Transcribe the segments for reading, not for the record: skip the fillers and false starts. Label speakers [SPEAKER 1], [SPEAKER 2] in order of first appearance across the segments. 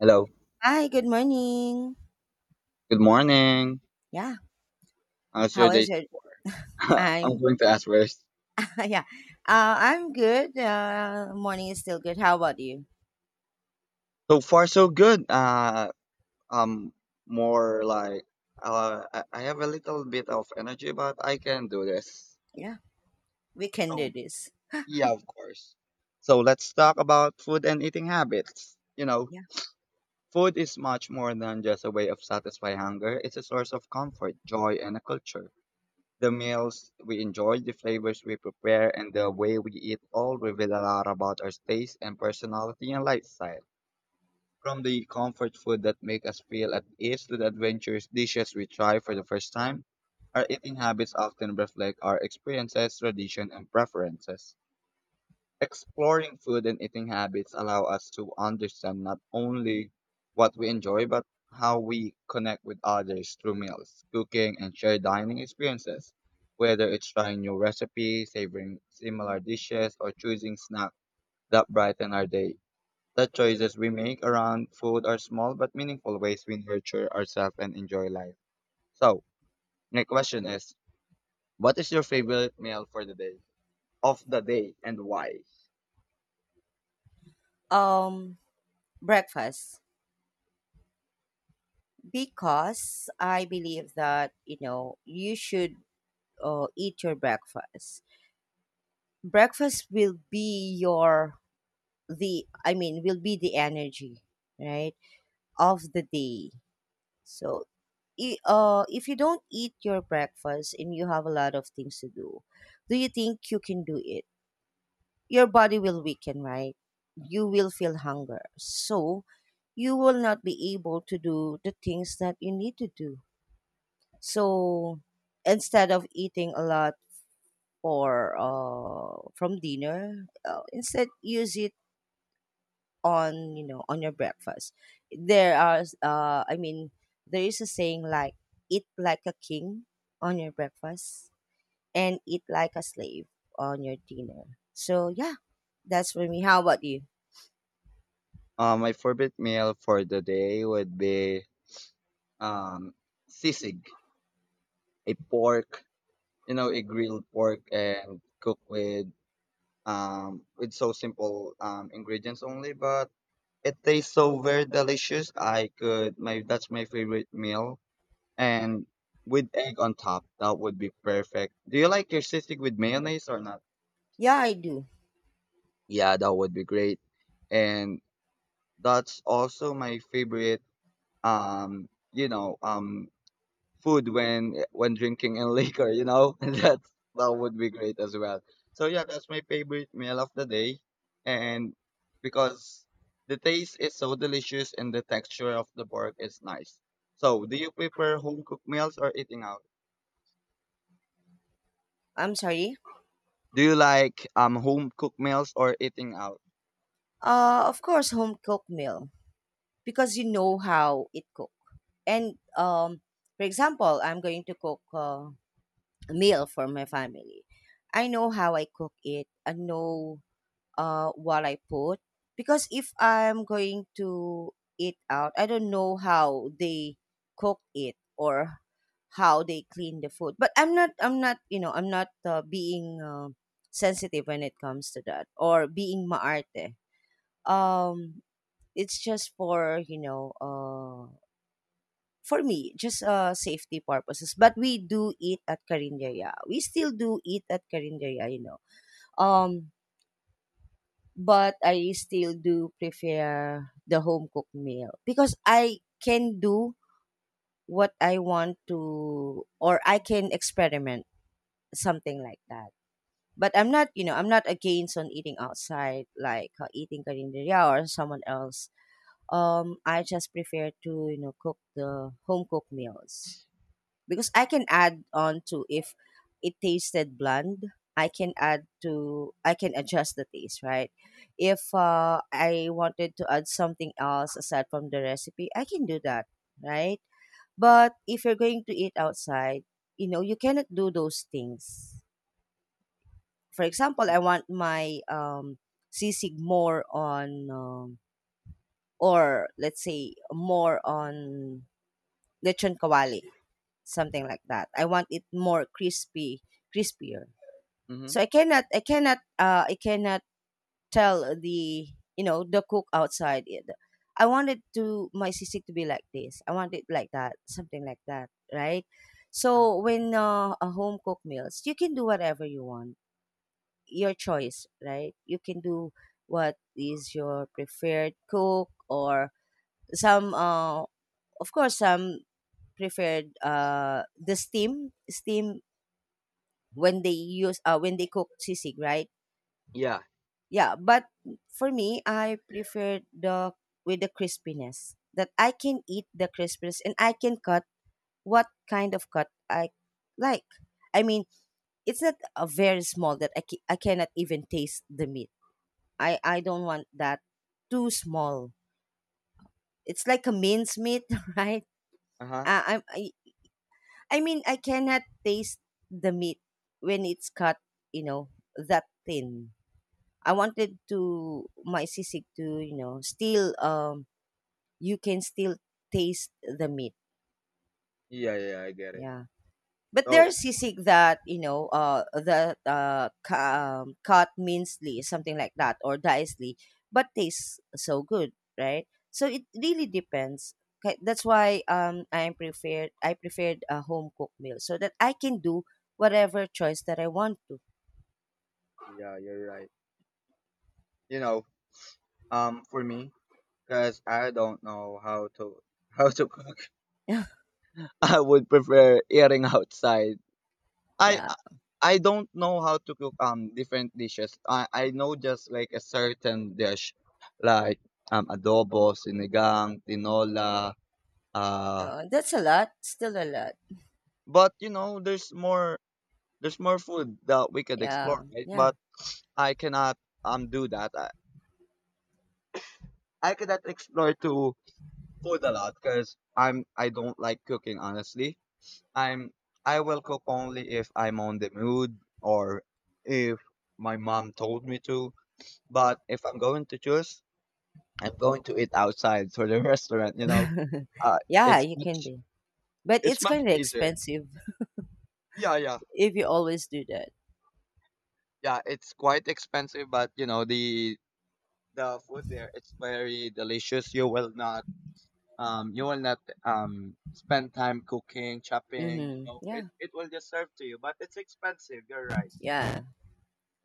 [SPEAKER 1] Hello.
[SPEAKER 2] Hi, good morning.
[SPEAKER 1] Good morning.
[SPEAKER 2] Yeah,
[SPEAKER 1] How's your
[SPEAKER 2] how
[SPEAKER 1] day
[SPEAKER 2] is
[SPEAKER 1] so
[SPEAKER 2] it?
[SPEAKER 1] far? I'm
[SPEAKER 2] I'm
[SPEAKER 1] going to ask first.
[SPEAKER 2] yeah, I'm good. Morning is still good. How about you?
[SPEAKER 1] So far, so good. Um, more like I have a little bit of energy, but I can do this.
[SPEAKER 2] Yeah, we can do
[SPEAKER 1] So
[SPEAKER 2] this.
[SPEAKER 1] yeah, of course. So let's talk about food and eating habits.
[SPEAKER 2] Yeah.
[SPEAKER 1] Food is much more than just a way of satisfying hunger. It's a source of comfort, joy, and a culture. The meals we enjoy, the flavors we prepare, and the way we eat all reveal a lot about our taste and personality and lifestyle. From the comfort food that make us feel at ease to the adventurous dishes we try for the first time, our eating habits often reflect our experiences, tradition, and preferences. Exploring food and eating habits allow us to understand not only what we enjoy, but how we connect with others through meals, cooking, and shared dining experiences. Whether it's trying new recipes, savoring similar dishes, or choosing snacks that brighten our day. The choices we make around food are small but meaningful ways we nurture ourselves and enjoy life. So, my question is, what is your favorite meal for the day, of the day, and why?
[SPEAKER 2] Um, breakfast because, I believe that you know, you should eat your breakfast. Breakfast will be your the I mean will be the energy, right, of the day. So if you don't eat your breakfast and you have a lot of things to do, do you think you can do it? Your body will weaken, right? You will feel hunger. So you will not be able to do the things that you need to do. So instead of eating a lot for from dinner, instead use it on, you know, on your breakfast. There are I mean There is a saying like eat like a king on your breakfast and eat like a slave on your dinner. So yeah, that's for me. How about you?
[SPEAKER 1] My favorite meal for the day would be um, sisig, a pork, you know, a grilled pork and cooked with so simple ingredients only, but it tastes so very delicious. I could my that's my favorite meal, and with egg on top, that would be perfect. Do you like your sisig with mayonnaise or not?
[SPEAKER 2] Yeah, I do.
[SPEAKER 1] Yeah, that would be great. And that's also my favorite um, you know, um food when drinking and liquor, you know? And that's that would be great as well. So yeah, that's my favorite meal of the day. And because the taste is so delicious and the texture of the pork is nice. So do you prefer home cooked meals or eating out?
[SPEAKER 2] I'm sorry.
[SPEAKER 1] Do you like home cooked meals or eating out?
[SPEAKER 2] Of course, home cooked meal, because you know how it cook. And um, for example, I'm going to cook a meal for my family. I know how I cook it, I know what I put. Because if I'm going to eat out, I don't know how they cook it or how they clean the food. But I'm not, you know, I'm not being sensitive when it comes to that, or being maarte. Um, it's just for, you know, for me, just safety purposes. But we do eat at Karinderia. We still do eat at Karinderia, you know. Um, But I still do prefer the home cooked meal because I can do what I want to, or I can experiment something like that. But I'm not, you know, I'm not against on eating outside, like eating karinderya or someone else. Um, I just prefer to, you know, cook the home cooked meals because I can add on to, if it tasted bland, I can add to I can adjust the taste, right? If I wanted to add something else aside from the recipe, I can do that, right? But if you're going to eat outside, you know, you cannot do those things. For example, I want my sisig more on or let's say more on lechon kawali, something like that. I want it more crispy, crispier.
[SPEAKER 1] Mm-hmm.
[SPEAKER 2] So I cannot tell the, you know, the cook outside. It. I wanted to my sisig to be like this. I want it like that, something like that, right?
[SPEAKER 1] Uh-huh.
[SPEAKER 2] So when a home cooked meals, you can do whatever you want, your choice, right? You can do what is your preferred cook, or some, of course, some preferred the steam when they use when they cook sisig, right?
[SPEAKER 1] Yeah.
[SPEAKER 2] Yeah, but for me, I prefer the with the crispiness, that I can eat the crispiness and I can cut what kind of cut I like. I mean, it's not a very small that I cannot even taste the meat. I don't want that too small. It's like a mince meat, right?
[SPEAKER 1] Uh-huh.
[SPEAKER 2] Uh, I, I I mean, I cannot taste the meat when it's cut, you know, that thin. I wanted to my sisig to, you know, still um, you can still taste the meat.
[SPEAKER 1] Yeah, yeah, I get it.
[SPEAKER 2] Yeah, but
[SPEAKER 1] Oh,
[SPEAKER 2] there's sisig that, you know, cut mincely, something like that, or dicely, but tastes so good, right? So it really depends. Okay, that's why um, I preferred a home cooked meal, so that I can do whatever choice that I want to.
[SPEAKER 1] yeah, you're right. You know, for me, because I don't know how to how to cook I would prefer eating outside. I
[SPEAKER 2] yeah,
[SPEAKER 1] I don't know how to cook different dishes. I know just like a certain dish, like adobo, sinigang, tinola. Uh,
[SPEAKER 2] so that's a lot, still a lot.
[SPEAKER 1] but you know, there's more food that we could explore,
[SPEAKER 2] Yeah,
[SPEAKER 1] right?
[SPEAKER 2] yeah.
[SPEAKER 1] But I cannot do that. I cannot explore to food a lot because I'm I don't like cooking honestly. I'm I will cook only if I'm on the mood or if my mom told me to. But if I'm going to choose, I'm going to eat outside for the restaurant, you know. Uh
[SPEAKER 2] yeah,
[SPEAKER 1] it's
[SPEAKER 2] you can
[SPEAKER 1] much
[SPEAKER 2] do. But
[SPEAKER 1] it's
[SPEAKER 2] it's
[SPEAKER 1] much
[SPEAKER 2] kind of
[SPEAKER 1] easier.
[SPEAKER 2] expensive
[SPEAKER 1] Yeah, yeah.
[SPEAKER 2] if you always do that.
[SPEAKER 1] Yeah, it's quite expensive, but you know, the food there it's very delicious. You will not spend time cooking, chopping, you
[SPEAKER 2] Mm-hmm.
[SPEAKER 1] know. It
[SPEAKER 2] Yeah,
[SPEAKER 1] it will just serve to you, but it's expensive, you're right.
[SPEAKER 2] yeah.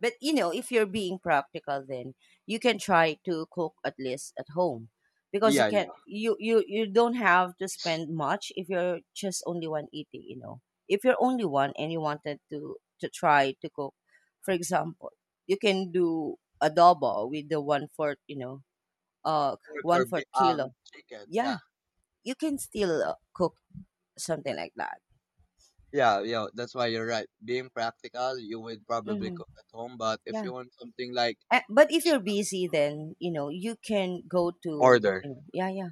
[SPEAKER 2] But you know, if you're being practical, then you can try to cook at least at home, because you
[SPEAKER 1] Yeah,
[SPEAKER 2] can
[SPEAKER 1] yeah.
[SPEAKER 2] you don't have to spend much if you're just only one eating. You know, if you're only one and you wanted to try to cook, for example, you can do adobo with the one fourth. You know,
[SPEAKER 1] Pork
[SPEAKER 2] one
[SPEAKER 1] or
[SPEAKER 2] fourth
[SPEAKER 1] bi-
[SPEAKER 2] kilo.
[SPEAKER 1] chicken. Yeah,
[SPEAKER 2] Yeah, you can still cook something like that.
[SPEAKER 1] yeah, yeah. That's why you're right. Being practical, you would probably
[SPEAKER 2] Hmm.
[SPEAKER 1] cook at home. But if
[SPEAKER 2] Yeah.
[SPEAKER 1] you want something like
[SPEAKER 2] But if you're busy, then, you know, you can go to,
[SPEAKER 1] order,
[SPEAKER 2] you know, yeah, yeah,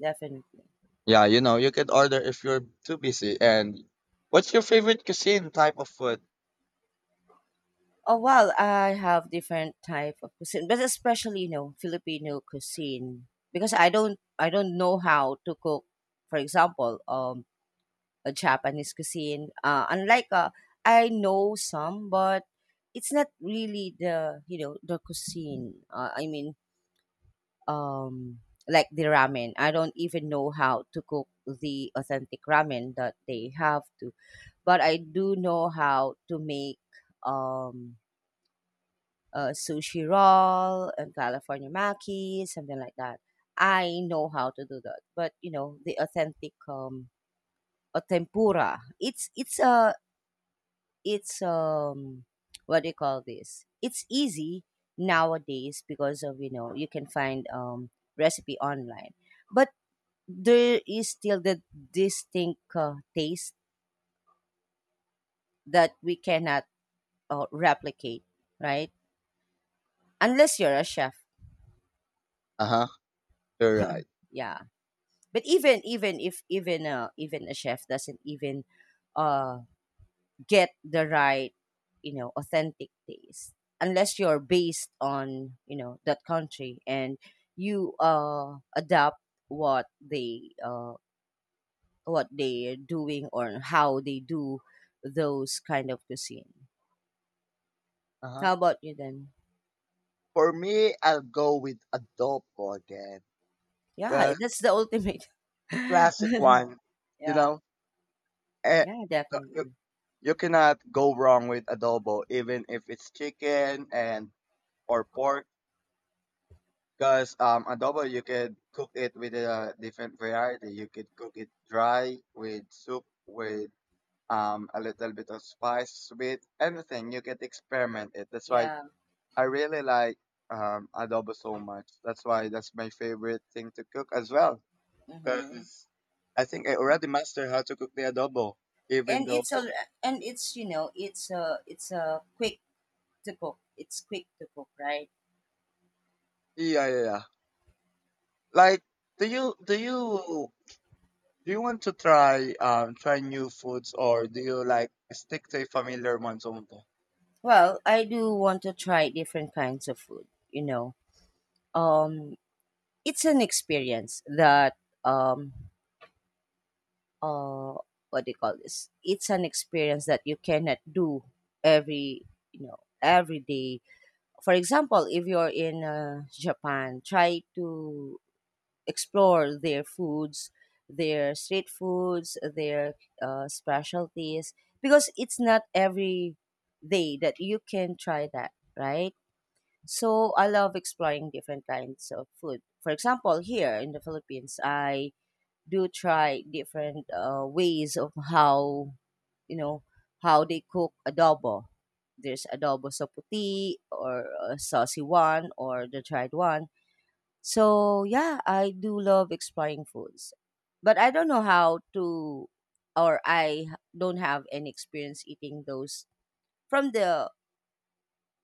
[SPEAKER 2] definitely.
[SPEAKER 1] yeah, you know, you could order if you're too busy. And what's your favorite cuisine type of food?
[SPEAKER 2] Oh well, I have different type of cuisine, but especially, you know, Filipino cuisine, because I don't know how to cook. For example, a Japanese cuisine. Unlike I know some, but it's not really the, you know, the cuisine. I mean, um, like the ramen. I don't even know how to cook the authentic ramen that they have to, but I do know how to make um, sushi roll and California maki, something like that. I know how to do that, but you know the authentic a tempura. It's what do you call this? It's easy nowadays because of, you know, you can find um, recipe online, but there is still the distinct taste that we cannot replicate, right? Unless you're a chef,
[SPEAKER 1] Uh huh. You're right.
[SPEAKER 2] yeah. But even a chef doesn't even uh, get the right, you know, authentic taste, unless you're based on, you know, that country, and you adapt what they what they're doing, or how they do those kind of cuisine.
[SPEAKER 1] Uh huh.
[SPEAKER 2] How about you then?
[SPEAKER 1] For me, I'll go with adobo again.
[SPEAKER 2] Yeah,
[SPEAKER 1] The
[SPEAKER 2] that's the ultimate.
[SPEAKER 1] classic one, you
[SPEAKER 2] Yeah.
[SPEAKER 1] know, eh,
[SPEAKER 2] Yeah,
[SPEAKER 1] you,
[SPEAKER 2] definitely.
[SPEAKER 1] you cannot go wrong with adobo, even if it's chicken and or pork. Because adobo, you can cook it with a different variety. You could cook it dry with soup, with a little bit of spice, with anything. You can experiment it. That's why
[SPEAKER 2] Yeah.
[SPEAKER 1] I really like adobo so much. That's why that's my favorite thing to cook as well
[SPEAKER 2] Mm-hmm.
[SPEAKER 1] because I think I already mastered how to cook the adobo, even
[SPEAKER 2] And
[SPEAKER 1] though
[SPEAKER 2] it's a, and it's you know, it's a quick to cook. It's quick to cook, right?
[SPEAKER 1] yeah, yeah, yeah. Like, do you do you want to try try new foods or do you like stick to a familiar ones only?
[SPEAKER 2] Well, I do want to try different kinds of food, you know. Um, it's an experience that um, uh what do you call this? It's an experience that you cannot do every, you know, every day. For example, if you're in Japan, try to explore their foods, their street foods, their specialties, because it's not every day that you can try that, right? So I love exploring different kinds of food. For example, here in the Philippines, I do try different ways of how, you know, how they cook adobo. There's adobo sa puti, or a saucy one, or the dried one. So yeah, I do love exploring foods. But I don't know how to or I don't have any experience eating those from the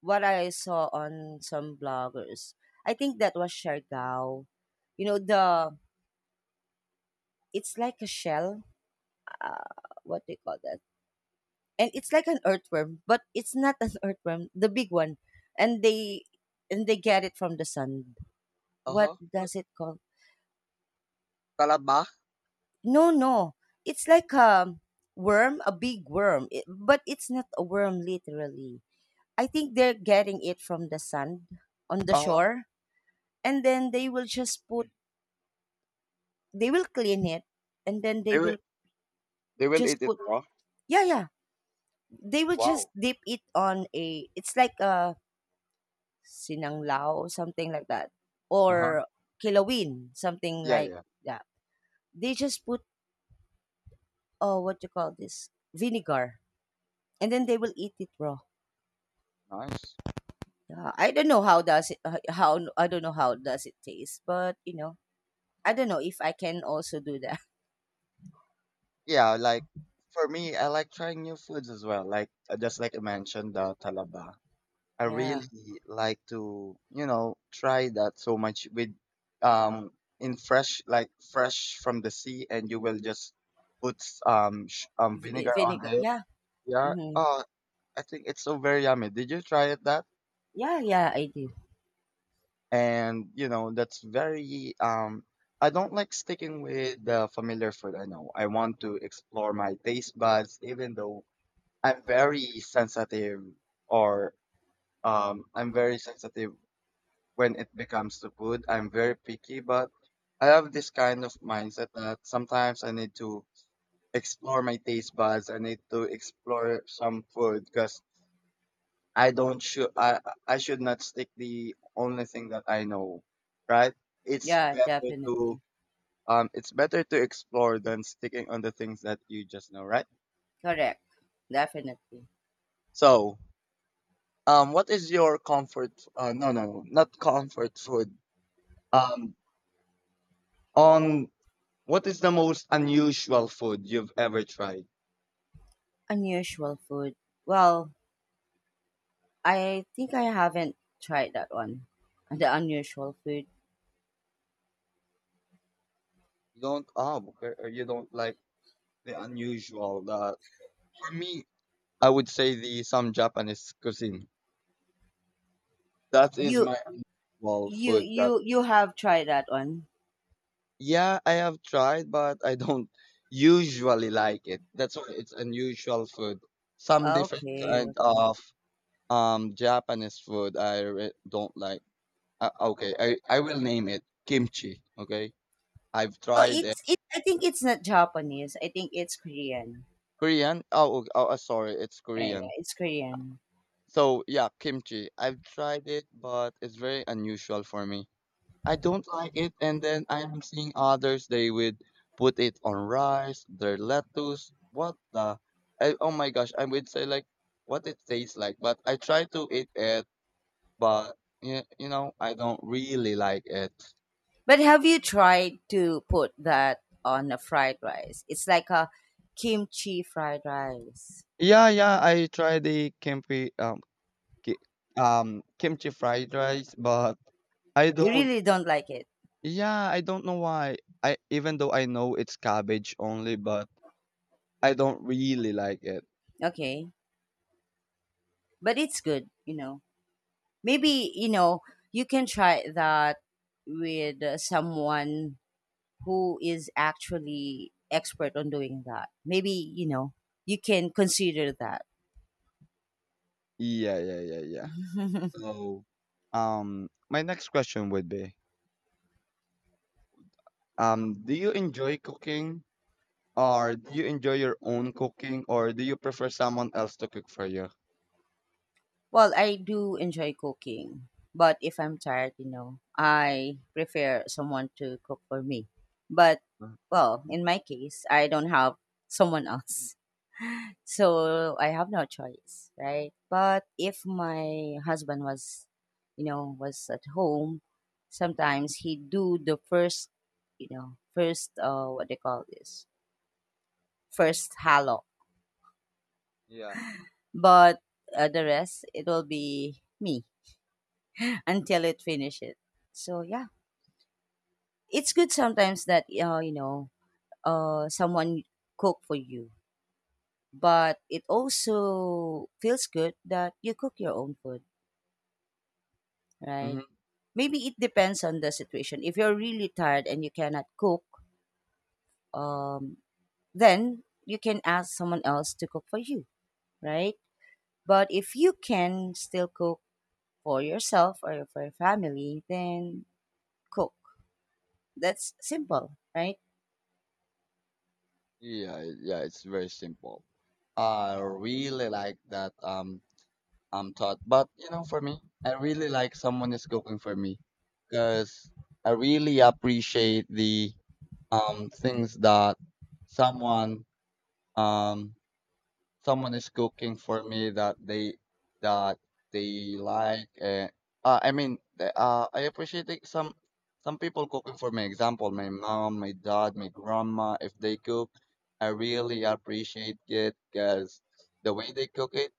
[SPEAKER 2] what I saw on some bloggers. I think that was Siargao. You know, the it's like a shell. Uh, what they call that? And it's like an earthworm, but it's not an earthworm, the big one. And they and they get it from the sun.
[SPEAKER 1] Uh
[SPEAKER 2] What
[SPEAKER 1] huh.
[SPEAKER 2] does it call?
[SPEAKER 1] Talaba.
[SPEAKER 2] No, no. It's like a worm, a big worm, but it's not a worm literally. I think they're getting it from the sand on the
[SPEAKER 1] Uh huh.
[SPEAKER 2] shore, and then they will clean it, and then
[SPEAKER 1] They
[SPEAKER 2] they
[SPEAKER 1] will
[SPEAKER 2] will
[SPEAKER 1] they will
[SPEAKER 2] just
[SPEAKER 1] eat it
[SPEAKER 2] put,
[SPEAKER 1] raw.
[SPEAKER 2] yeah, yeah. They will just
[SPEAKER 1] Wow.
[SPEAKER 2] dip it on a, it's like a sinanglao, something like that,
[SPEAKER 1] Uh huh.
[SPEAKER 2] or kilawin, something
[SPEAKER 1] Yeah,
[SPEAKER 2] like
[SPEAKER 1] yeah.
[SPEAKER 2] that. They just put what you call this, vinegar, and then they will eat it raw.
[SPEAKER 1] Nice.
[SPEAKER 2] Yeah, I don't know how does it how I don't know how does it taste, but, you know, I don't know if I can also do that.
[SPEAKER 1] Yeah, like for me, I like trying new foods as well. Like just like I mentioned, the talaba. I
[SPEAKER 2] Yeah,
[SPEAKER 1] really like to, you know, try that so much with um in fresh like fresh from the sea and you will just put sh- vinegar on
[SPEAKER 2] vinegar.
[SPEAKER 1] it.
[SPEAKER 2] Yeah,
[SPEAKER 1] Yeah.
[SPEAKER 2] hmm,
[SPEAKER 1] Oh, I think it's so very yummy. Did you try it that?
[SPEAKER 2] yeah, yeah. I do.
[SPEAKER 1] And you know, that's very I don't like sticking with the familiar food. I know. I want to explore my taste buds even though I'm very sensitive or I'm very sensitive when it becomes to food. I'm very picky, but I have this kind of mindset that sometimes I need to explore my taste buds. I need to explore some food because I don't should I should not stick the only thing that I know, right? It's
[SPEAKER 2] Yeah,
[SPEAKER 1] better to
[SPEAKER 2] definitely.
[SPEAKER 1] it's better to explore than sticking on the things that you just know, right?
[SPEAKER 2] Correct. Definitely.
[SPEAKER 1] So what is your comfort? No, no, no, not comfort food. Um, on What is the most unusual food you've ever tried?
[SPEAKER 2] Unusual food. Well, I think I haven't tried that one. The unusual food.
[SPEAKER 1] You don't oh okay, or you don't like the unusual. The for me, I would say the some Japanese cuisine. That is
[SPEAKER 2] You
[SPEAKER 1] my unusual food. That
[SPEAKER 2] you have tried that one.
[SPEAKER 1] yeah, I have tried, but I don't usually like it. That's why it's unusual food. Some different
[SPEAKER 2] Okay,
[SPEAKER 1] kind
[SPEAKER 2] okay.
[SPEAKER 1] of Japanese food I re- don't like. Okay, I will name it kimchi. Okay, I've
[SPEAKER 2] Oh,
[SPEAKER 1] tried it.
[SPEAKER 2] it's it. I think it's not Japanese. I think it's Korean.
[SPEAKER 1] Korean? Oh, ok- oh, sorry, it's
[SPEAKER 2] Yeah, yeah,
[SPEAKER 1] Korean.
[SPEAKER 2] it's Korean.
[SPEAKER 1] So yeah, kimchi. I've tried it, but it's very unusual for me. I don't like it, and then I'm seeing others. They would put it on rice, their lettuce. What the? I, oh my gosh! I would say like what it tastes like, but I try to eat it, but you know I don't really like it.
[SPEAKER 2] But have you tried to put that on a fried rice? It's like a kimchi fried rice.
[SPEAKER 1] Yeah, yeah. I tried the kimchi, ki- kimchi fried rice, but I
[SPEAKER 2] You
[SPEAKER 1] don't
[SPEAKER 2] really don't like it,
[SPEAKER 1] Yeah, I don't know why. I even though I know it's cabbage only, but I don't really like it.
[SPEAKER 2] okay? But it's good, you know. Maybe, you know, you can try that with someone who is actually expert on doing that. Maybe, you know, you can consider that.
[SPEAKER 1] Yeah, yeah, yeah, yeah. So, my next question would be, do you enjoy cooking, or do you enjoy your own cooking, or do you prefer someone else to cook for you?
[SPEAKER 2] Well, I do enjoy cooking, but if I'm tired, you know, I prefer someone to cook for me. But
[SPEAKER 1] Uh,
[SPEAKER 2] well, in my case, I don't have someone else. So I have no choice, right? But if my husband was, you know, was at home, sometimes he do the first, you know, first what they call this, first halo,
[SPEAKER 1] Yeah.
[SPEAKER 2] but the rest it will be me until it finishes. So yeah, it's good sometimes that you know, someone cook for you, but it also feels good that you cook your own food,
[SPEAKER 1] Hmm.
[SPEAKER 2] right? Maybe it depends on the situation. If you're really tired and you cannot cook, um, then you can ask someone else to cook for you, right? But if you can still cook for yourself or for your family, then cook. That's simple, right?
[SPEAKER 1] Yeah, yeah, it's very simple. I really like that. Thought. But you know, for me, I really like someone is cooking for me because I really appreciate the things that someone um someone is cooking for me that they like. I mean, the- I appreciate it some people cooking for me. Example, my mom, my dad, my grandma. If they cook, I really appreciate it because the way they cook it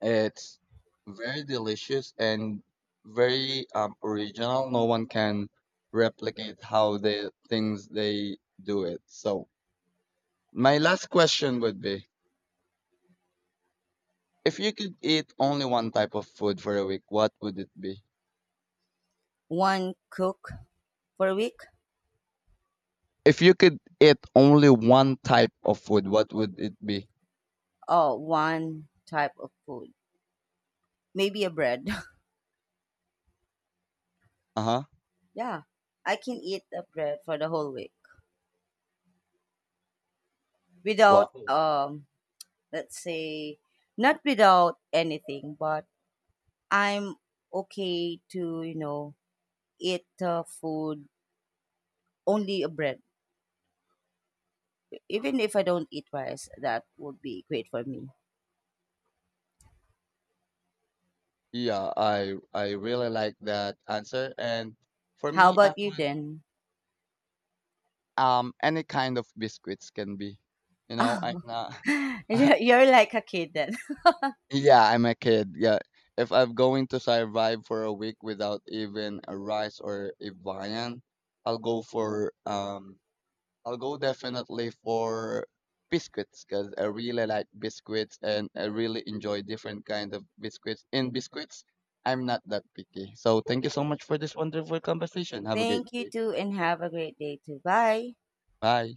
[SPEAKER 1] it's very delicious and very original. No one can replicate how the things they do it. So my last question would be, if you could eat only one type of food for a week, what would it be?
[SPEAKER 2] One cook per week.
[SPEAKER 1] If you could eat only one type of food, what would it be?
[SPEAKER 2] Oh, one type of food. Maybe a bread.
[SPEAKER 1] Uh-huh.
[SPEAKER 2] yeah, I can eat a bread for the whole week without,
[SPEAKER 1] Wow.
[SPEAKER 2] let's say, not without anything, but I'm okay to, you know, eat food only a bread. Even if I don't eat rice, that would be great for me.
[SPEAKER 1] Yeah, I really like that answer. And for
[SPEAKER 2] How
[SPEAKER 1] me, I
[SPEAKER 2] about you
[SPEAKER 1] would
[SPEAKER 2] then?
[SPEAKER 1] any kind of biscuits can be. You know, I'm not. I
[SPEAKER 2] you're like a kid then.
[SPEAKER 1] Yeah, I'm a kid. Yeah. If I'm going to survive for a week without even a rice or a viand, I'll go for I'll go definitely for biscuits because I really like biscuits and I really enjoy different kind of biscuits. In biscuits, I'm not that picky. So thank you so much for this wonderful conversation. Have a great
[SPEAKER 2] Thank you
[SPEAKER 1] day.
[SPEAKER 2] too, and have a great day too. Bye.
[SPEAKER 1] Bye.